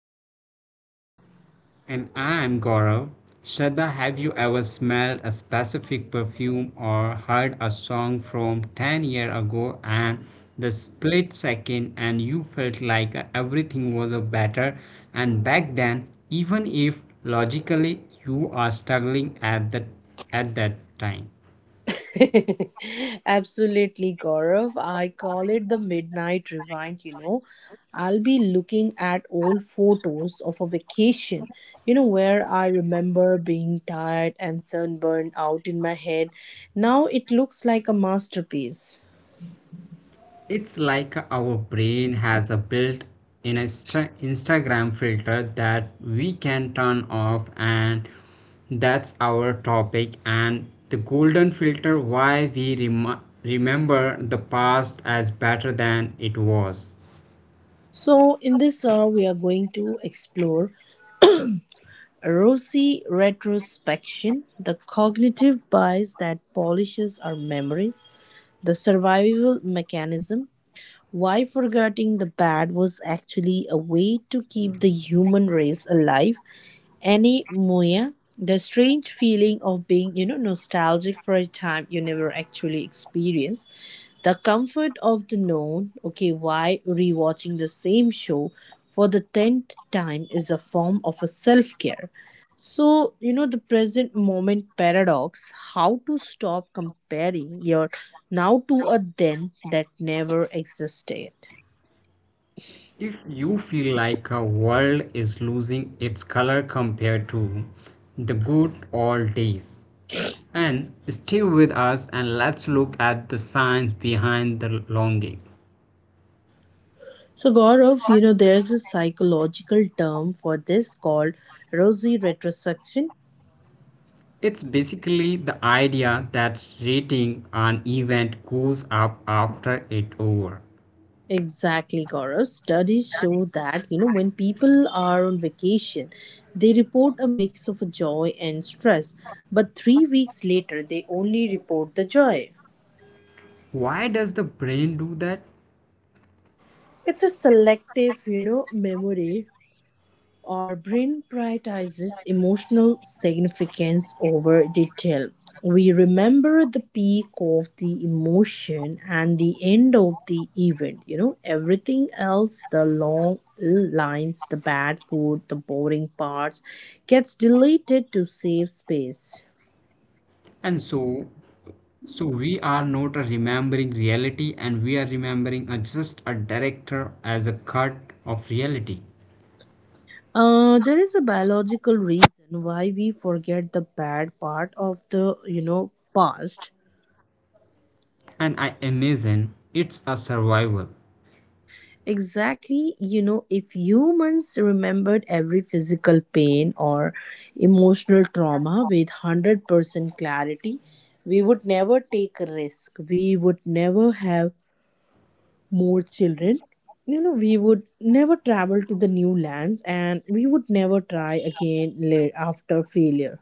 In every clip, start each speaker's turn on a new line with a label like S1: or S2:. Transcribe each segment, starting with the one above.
S1: sticky. Absolutely, Gaurav. I call it the midnight rewind. I'll be looking at old photos of a vacation, where I remember being tired and sunburned out in my head. Now it looks like a masterpiece. So, in this hour, we are going to explore rosy retrospection, the cognitive bias that polishes our memories, the survival mechanism. Why forgetting the bad was actually a way to keep the human race alive. Any Muya, the strange feeling of being, nostalgic for a time you never actually experienced, the comfort of the known. Okay, why rewatching the same show for the 10th time is a form of a self care. So, the present moment paradox, how to stop comparing your now to a then that never existed. So, Gaurav, there's a psychological term for this called rosy retrospection. Exactly, Gaurav. Studies show that, when people are on vacation, they report a mix of joy and stress, but 3 weeks later, they only report the joy. It's a selective, memory. Our brain prioritizes emotional significance over detail. We remember the peak of the emotion and the end of the event. Everything else, the long lines, the bad food, the boring parts, gets deleted to save space. There is a biological reason why we forget the bad part of the past. Exactly, if humans remembered every physical pain or emotional trauma with 100% clarity, we would never take a risk. We would never have more children. We would never travel to the new lands and we would never try again after failure.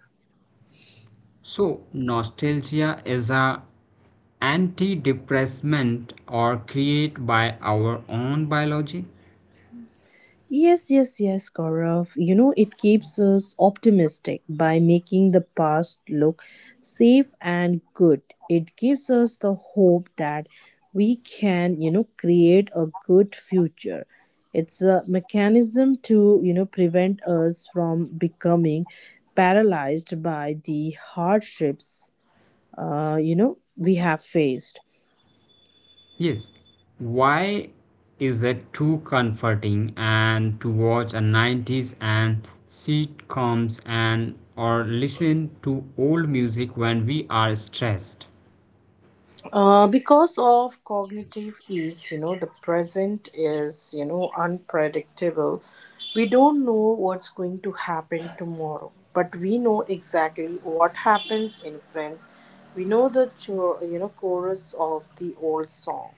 S1: Yes, yes, yes, Gaurav. It keeps us optimistic by making the past look safe and good. It gives us the hope that we can, create a good future. It's a mechanism to, prevent us from becoming paralyzed by the hardships, we have faced. Because of cognitive ease, the present is, unpredictable. We don't know what's going to happen tomorrow, but we know exactly what happens in Friends. We know the, chorus of the old song.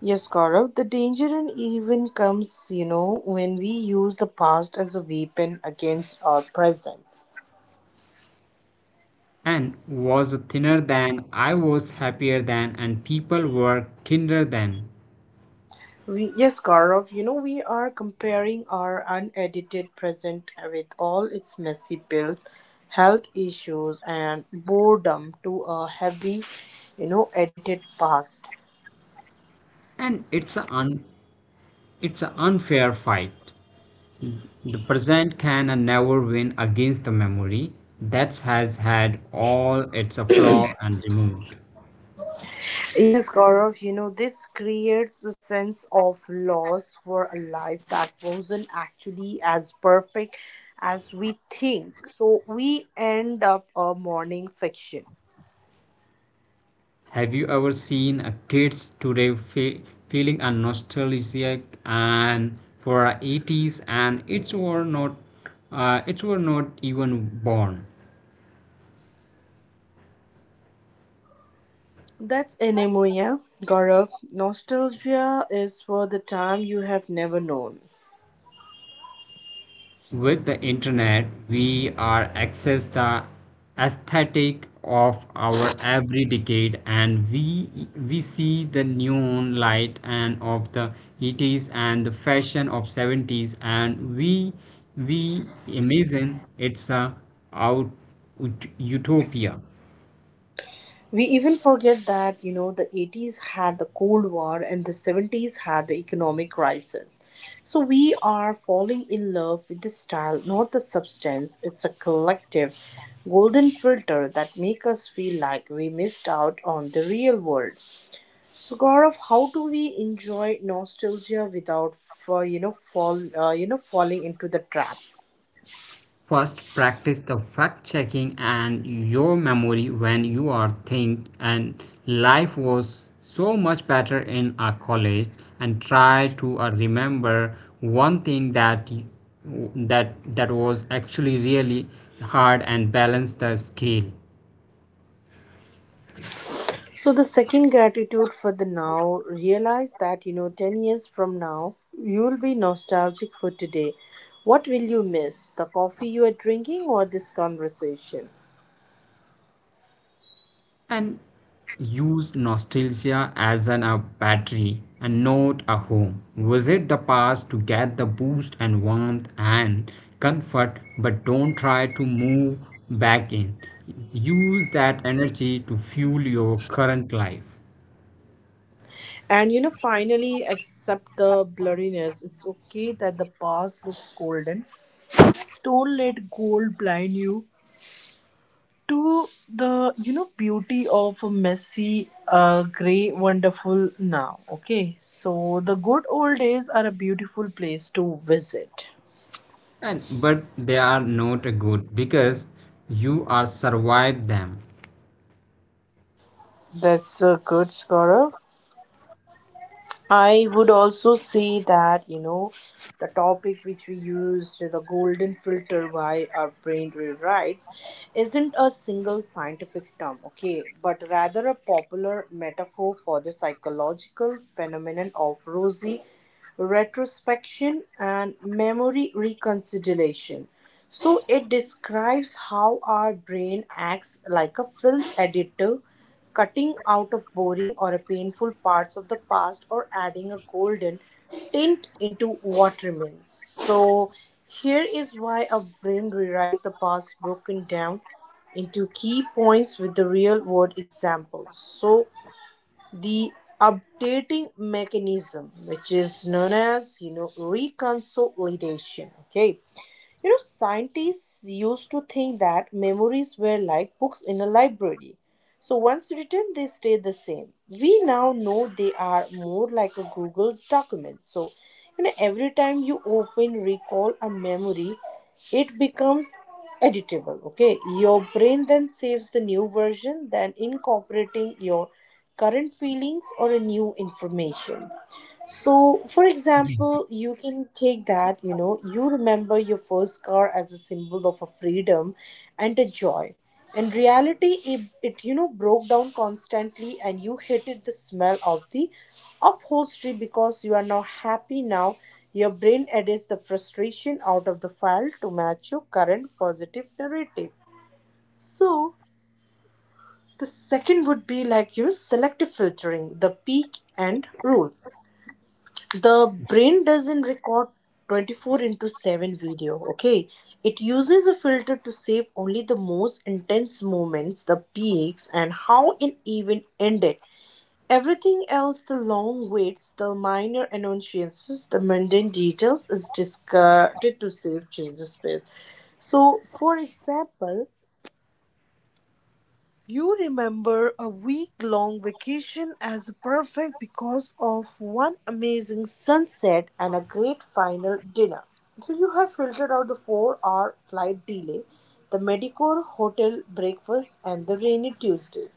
S1: Yes, Gaurav, the danger and even comes, when we use the past as a weapon against our present. We, yes, Gaurav, we are comparing our unedited present with all its messy bills, health issues, and boredom to a heavy, edited past. Yes, Gaurav, this creates a sense of loss for a life that wasn't actually as perfect as we think. So we end up a morning fiction. That's anemia, Gaurav. Nostalgia is for the time you have never known. We even forget that, the 80s had the Cold War and the 70s had the economic crisis. So we are falling in love with the style, not the substance. It's a collective golden filter that make us feel like we missed out on the real world. So Gaurav, how do we enjoy nostalgia without, falling into the trap? So the second gratitude for the now, realize that 10 years from now you'll be nostalgic for today. What will you miss? The coffee you are drinking or this conversation? And finally accept the blurriness. It's okay that the past looks golden. Just don't let gold blind you to the beauty of a messy gray wonderful now. Okay, so the good old days are a beautiful place to visit. That's a good, Gaurav. I would also say that, the topic which we used, the golden filter, why our brain rewrites, isn't a single scientific term, okay, but rather a popular metaphor for the psychological phenomenon of rosy retrospection and memory reconsideration. So it describes how our brain acts like a film editor cutting out of boring or painful parts of the past or adding a golden tint into what remains. So, here is why our brain rewrites the past broken down into key points with the real world examples. So, the updating mechanism, which is known as reconciliation, okay, scientists used to think that memories were like books in a library. So once written, they stay the same. We now know they are more like a Google document. So, every time you open, recall a memory, it becomes editable. Okay, your brain then saves the new version, then incorporating your current feelings or a new information. So, for example, you can take that, you remember your first car as a symbol of a freedom and a joy. In reality, it broke down constantly and you hated the smell of the upholstery because you are now happy now. Your brain edits the frustration out of the file to match your current positive narrative. So, the second would be like, selective filtering, the peak and rule. The brain doesn't record 24 into 7 video. Okay, it uses a filter to save only the most intense moments, the peaks and how an event ended. Everything else, the long waits, the minor annoyances, the mundane details is discarded to save change space. So, for example, you remember a week-long vacation as perfect because of one amazing sunset and a great final dinner. So you have filtered out the 4-hour flight delay, the Medicor hotel breakfast, and the rainy Tuesday.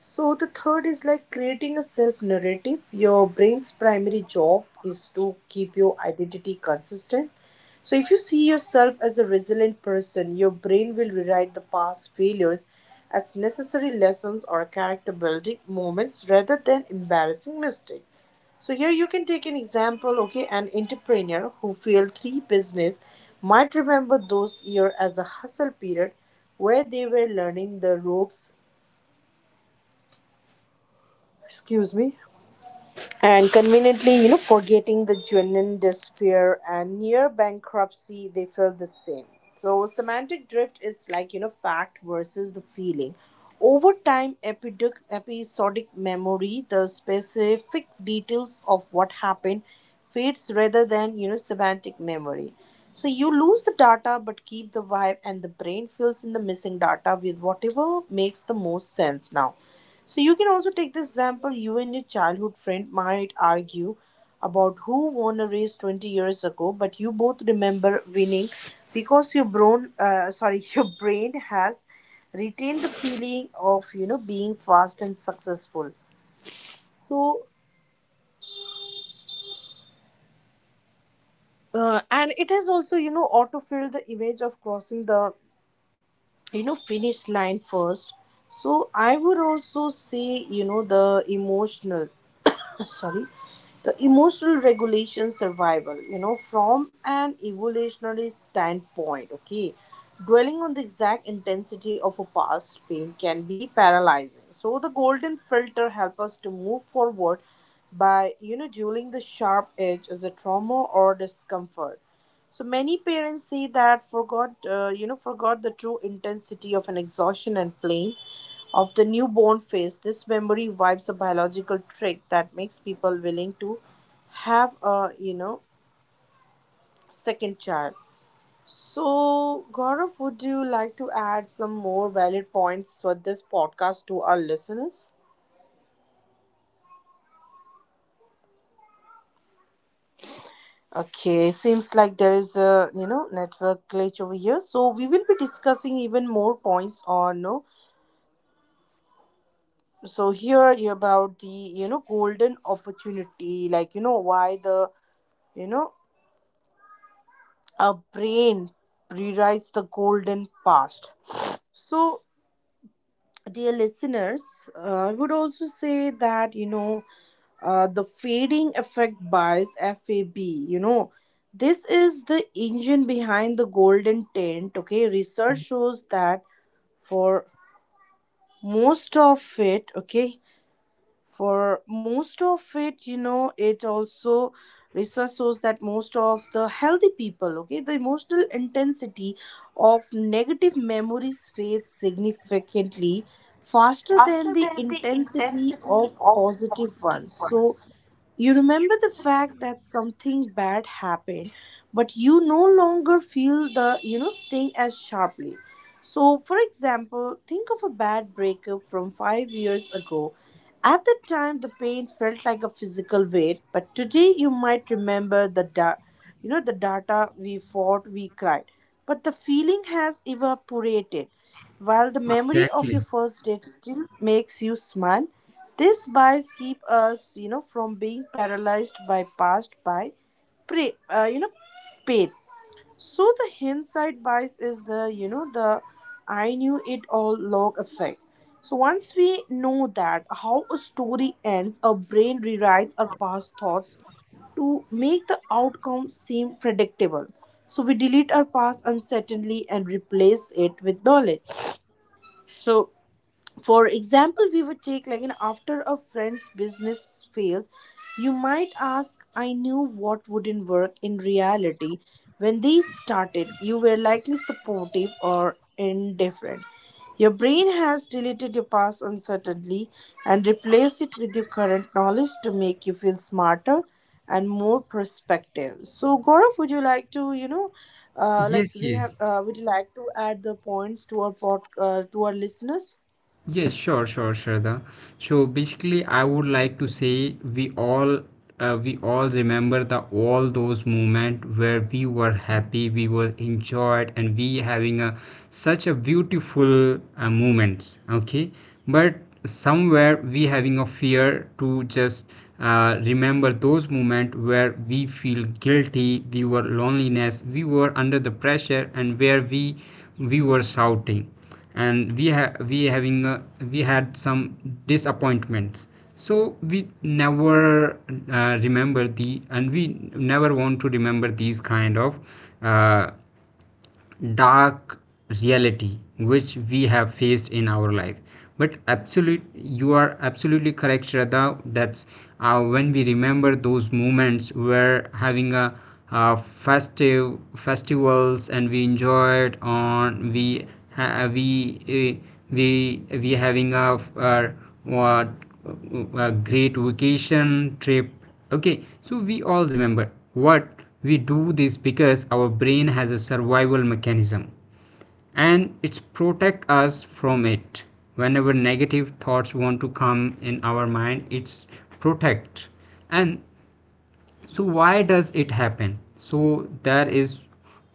S1: So the third is like creating a self narrative. Your brain's primary job is to keep your identity consistent. So if you see yourself as a resilient person, your brain will rewrite the past failures as necessary lessons or character building moments rather than embarrassing mistakes. So here you can take an example, okay, an entrepreneur who failed three business might remember those year as a hustle period where they were learning the ropes. Excuse me. And conveniently forgetting the genuine despair and near bankruptcy they felt the same. So semantic drift is like fact versus the feeling. Over time episodic memory, the specific details of what happened, fades rather than semantic memory. So you lose the data but keep the vibe and the brain fills in the missing data with whatever makes the most sense now. So you can also take this example. You and your childhood friend might argue about who won a race 20 years ago, but you both remember winning because your brain, your brain has retained the feeling of being fast and successful. So and it has also autofilled the image of crossing the finish line first. So I would also say the emotional sorry the emotional regulation survival from an evolutionary standpoint. Okay, dwelling on the exact intensity of a past pain can be paralyzing. So the golden filter help us to move forward by dueling the sharp edge as a trauma or discomfort. So many parents say that forgot the true intensity of an exhaustion and pain of the newborn phase. This memory wipes a biological trick that makes people willing to have a, second child. So, Gaurav, would you like to add some more valid points for this podcast to our listeners? Okay, seems like there is a network glitch over here. So we will be discussing even more points on no. So here you about the golden opportunity, like why the you know our brain rewrites the golden past. So, dear listeners, I would also say that the fading effect bias fab, this is the engine behind the golden tent. Okay, research shows that for most of it, okay, for most of it, it also research shows that most of the healthy people, okay, the emotional intensity of negative memories fades significantly faster than the intensity of positive ones. So you remember the fact that something bad happened, but you no longer feel the, sting as sharply. So, for example, think of a bad breakup from 5 years ago. At the time, the pain felt like a physical weight, but today you might remember the the data we fought, we cried, but the feeling has evaporated. While the memory of
S2: Exactly.
S1: your first date still makes you smile, these bias keep us, from being paralyzed by past by, pre, uh, you know, pain. So the hindsight bias is the, the I knew it all log effect. So once we know that how a story ends, our brain rewrites our past thoughts to make the outcome seem predictable. So we delete our past uncertainly and replace it with knowledge. So, for example, we would take like an after a friend's business fails, you might ask I knew what wouldn't work. In reality, when they started, you were likely supportive or indifferent. Your brain has deleted your past uncertainty and replaced it with your current knowledge to make you feel smarter and more perspective. So Gaurav, would you like to like
S2: Yes,
S1: do you have
S2: yes.
S1: would you like to add the points to our to our listeners?
S2: Yes, sure, sure, Sharda. So basically, I would like to say we all remember the all those moments where we were happy, we were enjoyed, and we having a such a beautiful moments. Okay, but somewhere we having a fear to just remember those moments where we feel guilty, we were loneliness, we were under the pressure, and where we were shouting and we having we had some disappointments so we never remember the and we never want to remember these kind of uh, dark reality which we have faced in our life but absolute you are absolutely correct, Shraddha. That's when we remember those moments where having a festive festivals and we enjoyed on we ha- uh, we having a, what a great vacation trip. Okay, so we all remember what we do this because our brain has a survival mechanism and it's protect us from it. Whenever negative thoughts want to come in our mind, it's protect. And so why does it happen? So there is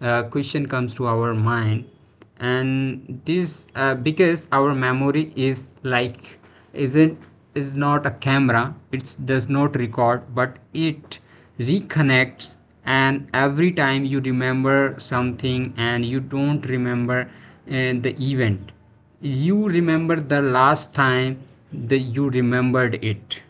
S2: a question comes to our mind and this because our memory is like is it is not a camera. It does not record but it reconnects, and every time you remember something and you don't remember the event, you remember the last time that you remembered it.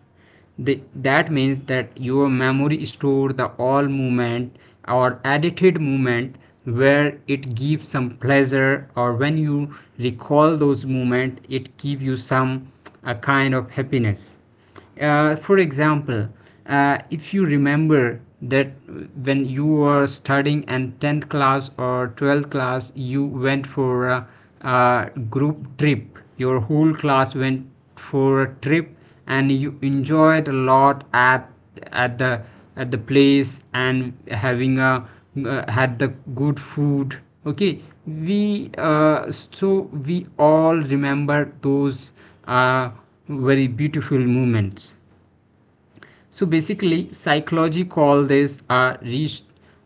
S2: That means that your memory store the all movement or edited movement where it gives some pleasure, or when you recall those movement it give you some a kind of happiness. For example, if you remember that when you were studying in 10th class or 12th class you went for a group trip. Your whole class went for a trip, and you enjoyed a lot at the at the place, and having a had the good food. Okay, we uh, so we all remember those uh, very beautiful moments. So basically, psychology call this a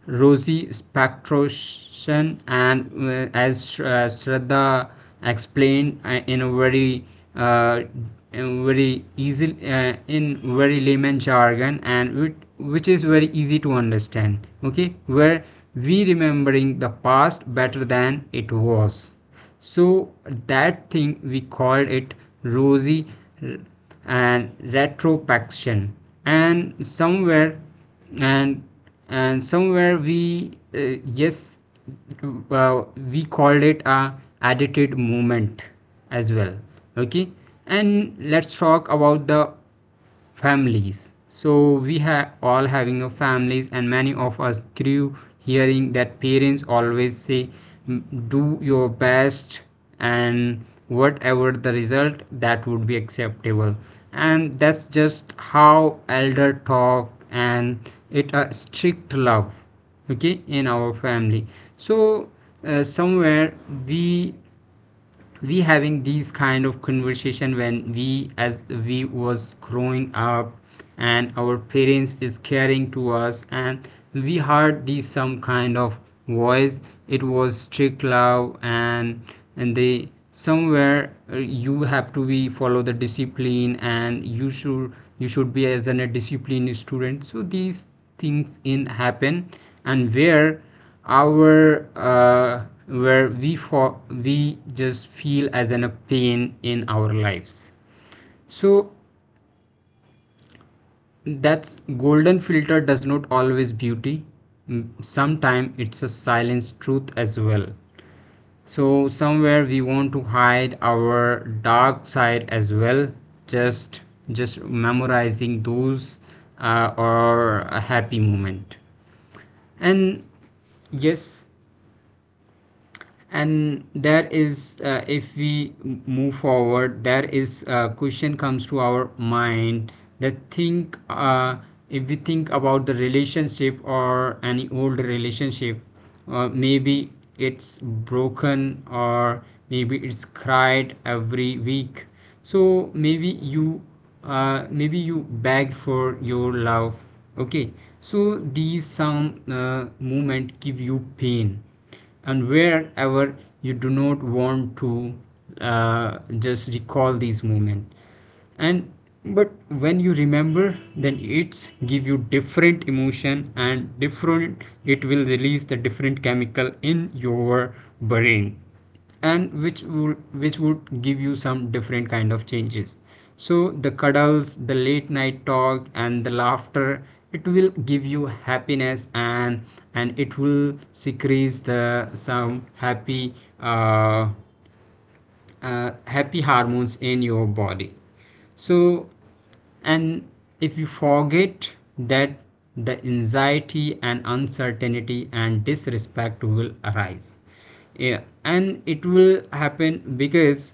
S2: rosy spectration, and as Shraddha explained uh, in very easy in very layman jargon, and which is very easy to understand. Okay, where we remembering the past better than it was. So that thing we called it rosy and retrospection, and somewhere and and somewhere we uh, yes uh, we called it a edited moment as well. Okay, and let's talk about the families. So we have all having a families, and many of us grew hearing that parents always say do your best, and whatever the result, that would be acceptable. And that's just how elder talk, and it a strict love, okay, in our family. So somewhere we we having these kind of conversation when we as we was growing up, and our parents is caring to us, and we heard these some kind of voice. It was strict love, and they somewhere you have to be follow the discipline, and you should be as an, a disciplined student. So these things in happen, and where our uh, where we for we just feel as an a pain in our lives. So that's golden filter does not always beauty, sometimes it's a silenced truth as well. So somewhere we want to hide our dark side as well, just just memorizing those or a happy moment. And yes, and there is if we move forward, there is a question comes to our mind that think, if we think about the relationship or any old relationship, maybe it's broken, or maybe it's cried every week. So maybe you begged for your love, okay. So these some movement give you pain, and wherever you do not want to just recall these moments. And but when you remember, then it's give you different emotion, and different it will release the different chemical in your brain, and which would give you some different kind of changes. So the cuddles, the late night talk, and the laughter, it will give you happiness, and it will decrease the some happy uh, happy hormones in your body. So and if you forget that, the anxiety and uncertainty and disrespect will arise, yeah. And it will happen because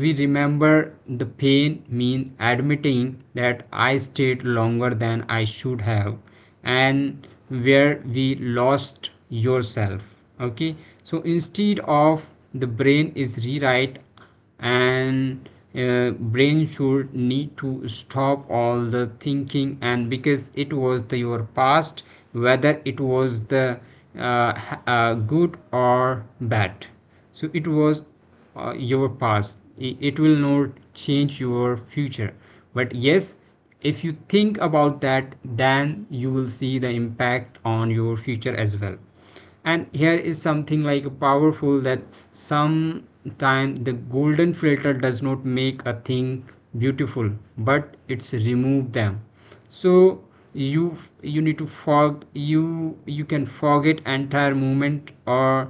S2: we remember the pain mean admitting that I stayed longer than I should have, and where we lost yourself, okay. So instead of, the brain is rewrite, and brain should need to stop all the thinking, and because it was the your past, whether it was the good or bad. So it was your past, it will not change your future. But yes, if you think about that, then you will see the impact on your future as well. And here is something like powerful, that sometimes the golden filter does not make a thing beautiful, but it's remove them. So you you need to fog you you can forget entire movement, or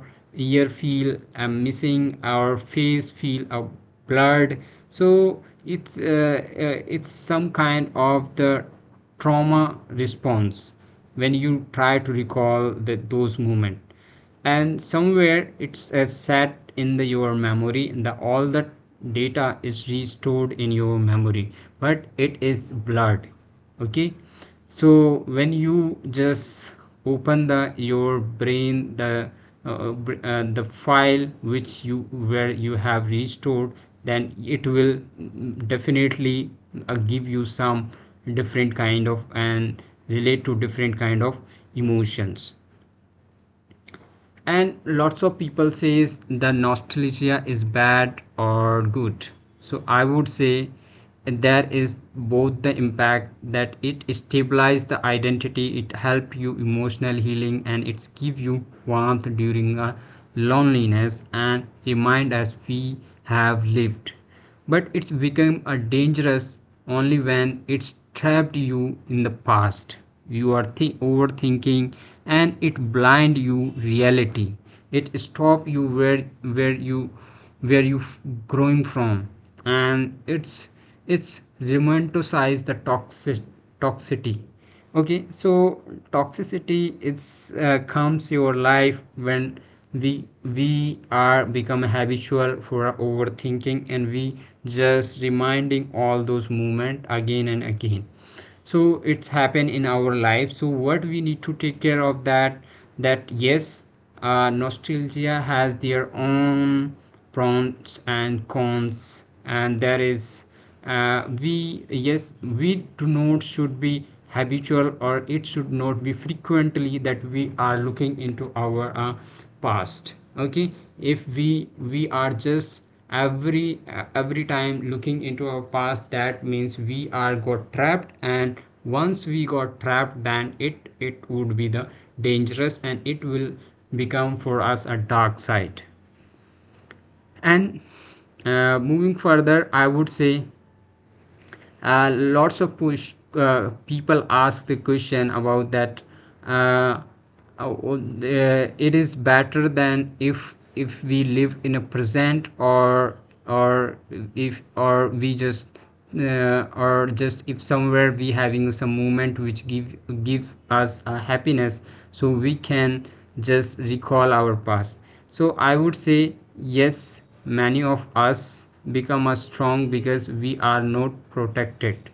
S2: ear feel a missing, or face feel a blurred. So it's uh, it's some kind of the trauma response when you try to recall that those moment, and somewhere it's as set in the, your memory, and the, all the data is restored in your memory, but it is blurred. Okay, so when you just open the your brain, uh, the file which you where you have restored, then it will definitely give you some different kind of and relate to different kind of emotions. And lots of people says the nostalgia is bad or good. So I would say there is both the impact, that it stabilizes the identity, it helps you emotional healing, and it give you warmth during a loneliness and remind us we have lived. But it's become a dangerous only when it's trapped you in the past, you are overthinking, and it blind you reality, it stop you where where you f- growing from, and it's romanticize the toxicity. Okay, so toxicity it's comes your life when we we are become habitual for our overthinking, and we just reminding all those movement again and again. So it's happened in our life, so what we need to take care of that, that yes, nostalgia has their own pros and cons, and there is we yes we do not should be habitual, or it should not be frequently that we are looking into our past, okay. If we are just every time looking into our past, that means we are got trapped, and once we got trapped then it would be the dangerous, and it will become for us a dark side. And moving further, I would say lots of push people ask the question about that, uh, it is better than if we live in a present, or if or we just or just if somewhere we having some moment which give us a happiness, so we can just recall our past. So I would say yes, many of us become a strong because we are not protected,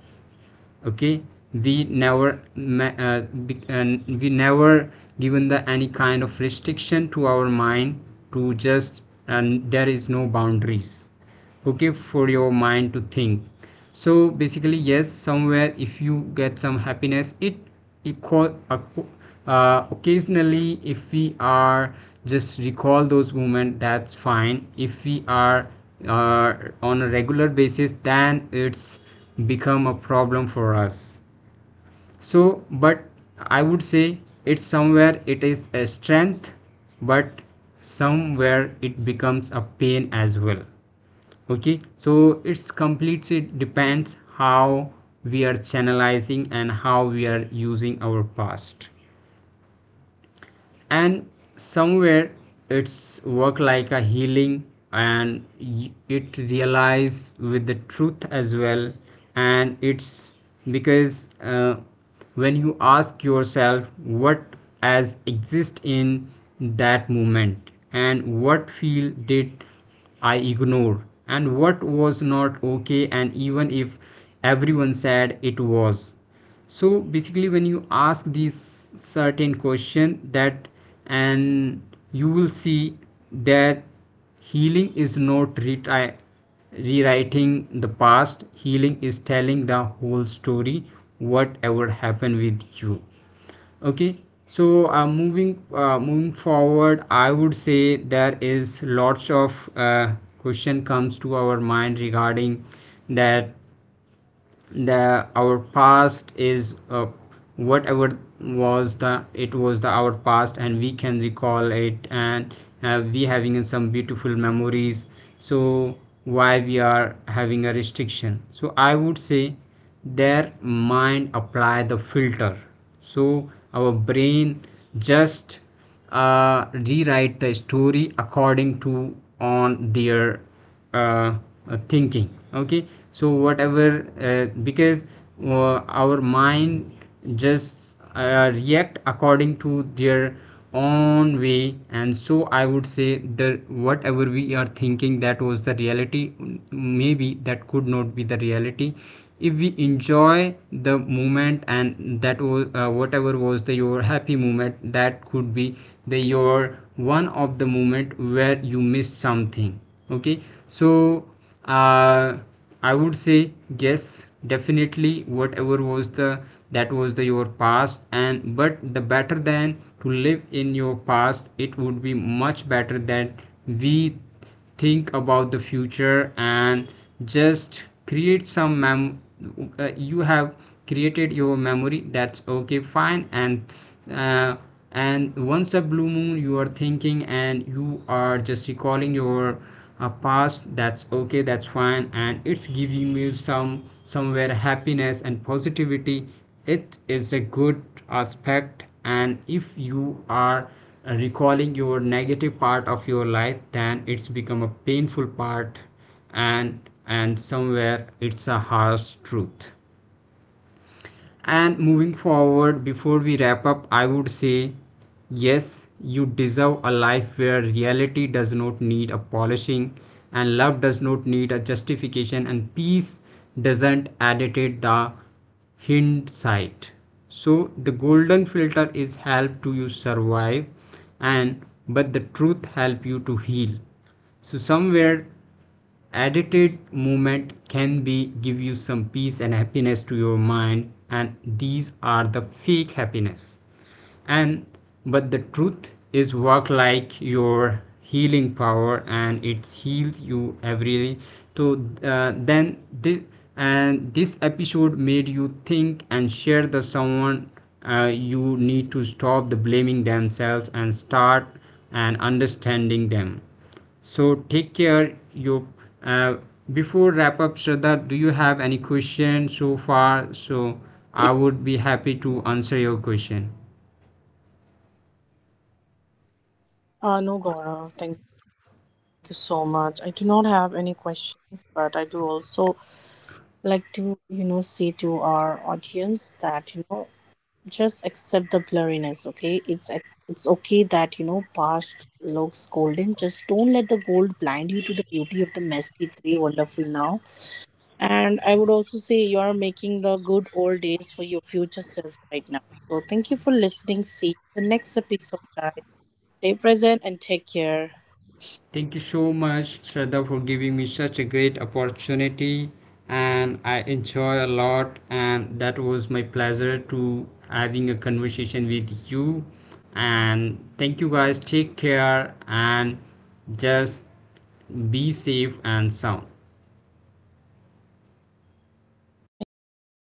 S2: okay. We never uh, and we never given the any kind of restriction to our mind to just, and there is no boundaries, okay, for your mind to think. So basically yes, somewhere if you get some happiness, it equal occasionally if we are just recall those moments, that's fine. If we are uh, on a regular basis, then it's become a problem for us. So but I would say it's somewhere it is a strength, but somewhere it becomes a pain as well. Okay, so it's completely it depends how we are channelizing and how we are using our past, and somewhere it's work like a healing, and it realize with the truth as well. And it's because when you ask yourself what as exist in that moment, and what feel did I ignore, and what was not okay, and even if everyone said it was. So basically when you ask these certain question that, and you will see that healing is not retry, rewriting the past. Healing is telling the whole story, whatever happened with you, okay. So moving forward, I would say there is lots of question comes to our mind regarding that the our past is whatever was the it was the our past, and we can recall it, and we having some beautiful memories. So why we are having a restriction? So I would say their mind apply the filter. So our brain just rewrite the story according to on their uh, thinking, okay. So whatever because uh, our mind just react according to their own way. And so I would say that whatever we are thinking, that was the reality. Maybe that could not be the reality. If we enjoy the moment, and that was whatever was the your happy moment, that could be the your one of the moment where you missed something, okay. So uh, I would say yes, definitely whatever was the, that was the your past, and but the better than to live in your past, it would be much better that we think about the future, and just create some mem you have created your memory, that's okay, fine. And uh, and once a blue moon you are thinking, and you are just recalling your past, that's okay, that's fine, and it's giving you some somewhere happiness and positivity, it is a good aspect. And if you are recalling your negative part of your life, then it's become a painful part, and somewhere it's a harsh truth. And moving forward, before we wrap up, I would say yes, you deserve a life where reality does not need a polishing, and love does not need a justification, and peace doesn't agitate the hindsight. So the golden filter is help to you survive, and but the truth help you to heal. So somewhere edited movement can be give you some peace and happiness to your mind, and these are the fake happiness, and but the truth is work like your healing power, and it's healed you every day. So then this and this episode made you think and share the someone, you need to stop the blaming themselves and start and understanding them. So take care. You uh, before wrap up, Shraddha, do you have any question so far? So I would be happy to answer your question.
S1: No, Gaurav, thank you so much. I do not have any questions, but I do also like to, say to our audience that, just accept the blurriness, okay? It's okay that, past looks golden. Just don't let the gold blind you to the beauty of the messy, gray, wonderful now. And I would also say you are making the good old days for your future self right now. So thank you for listening. See you in the next episode, guys. Stay present and take care.
S2: Thank you so much, Shraddha, for giving me such a great opportunity, and I enjoy a lot. And that was my pleasure to having a conversation with you. And thank you guys. Take care, and just be safe and sound.
S1: Thank you.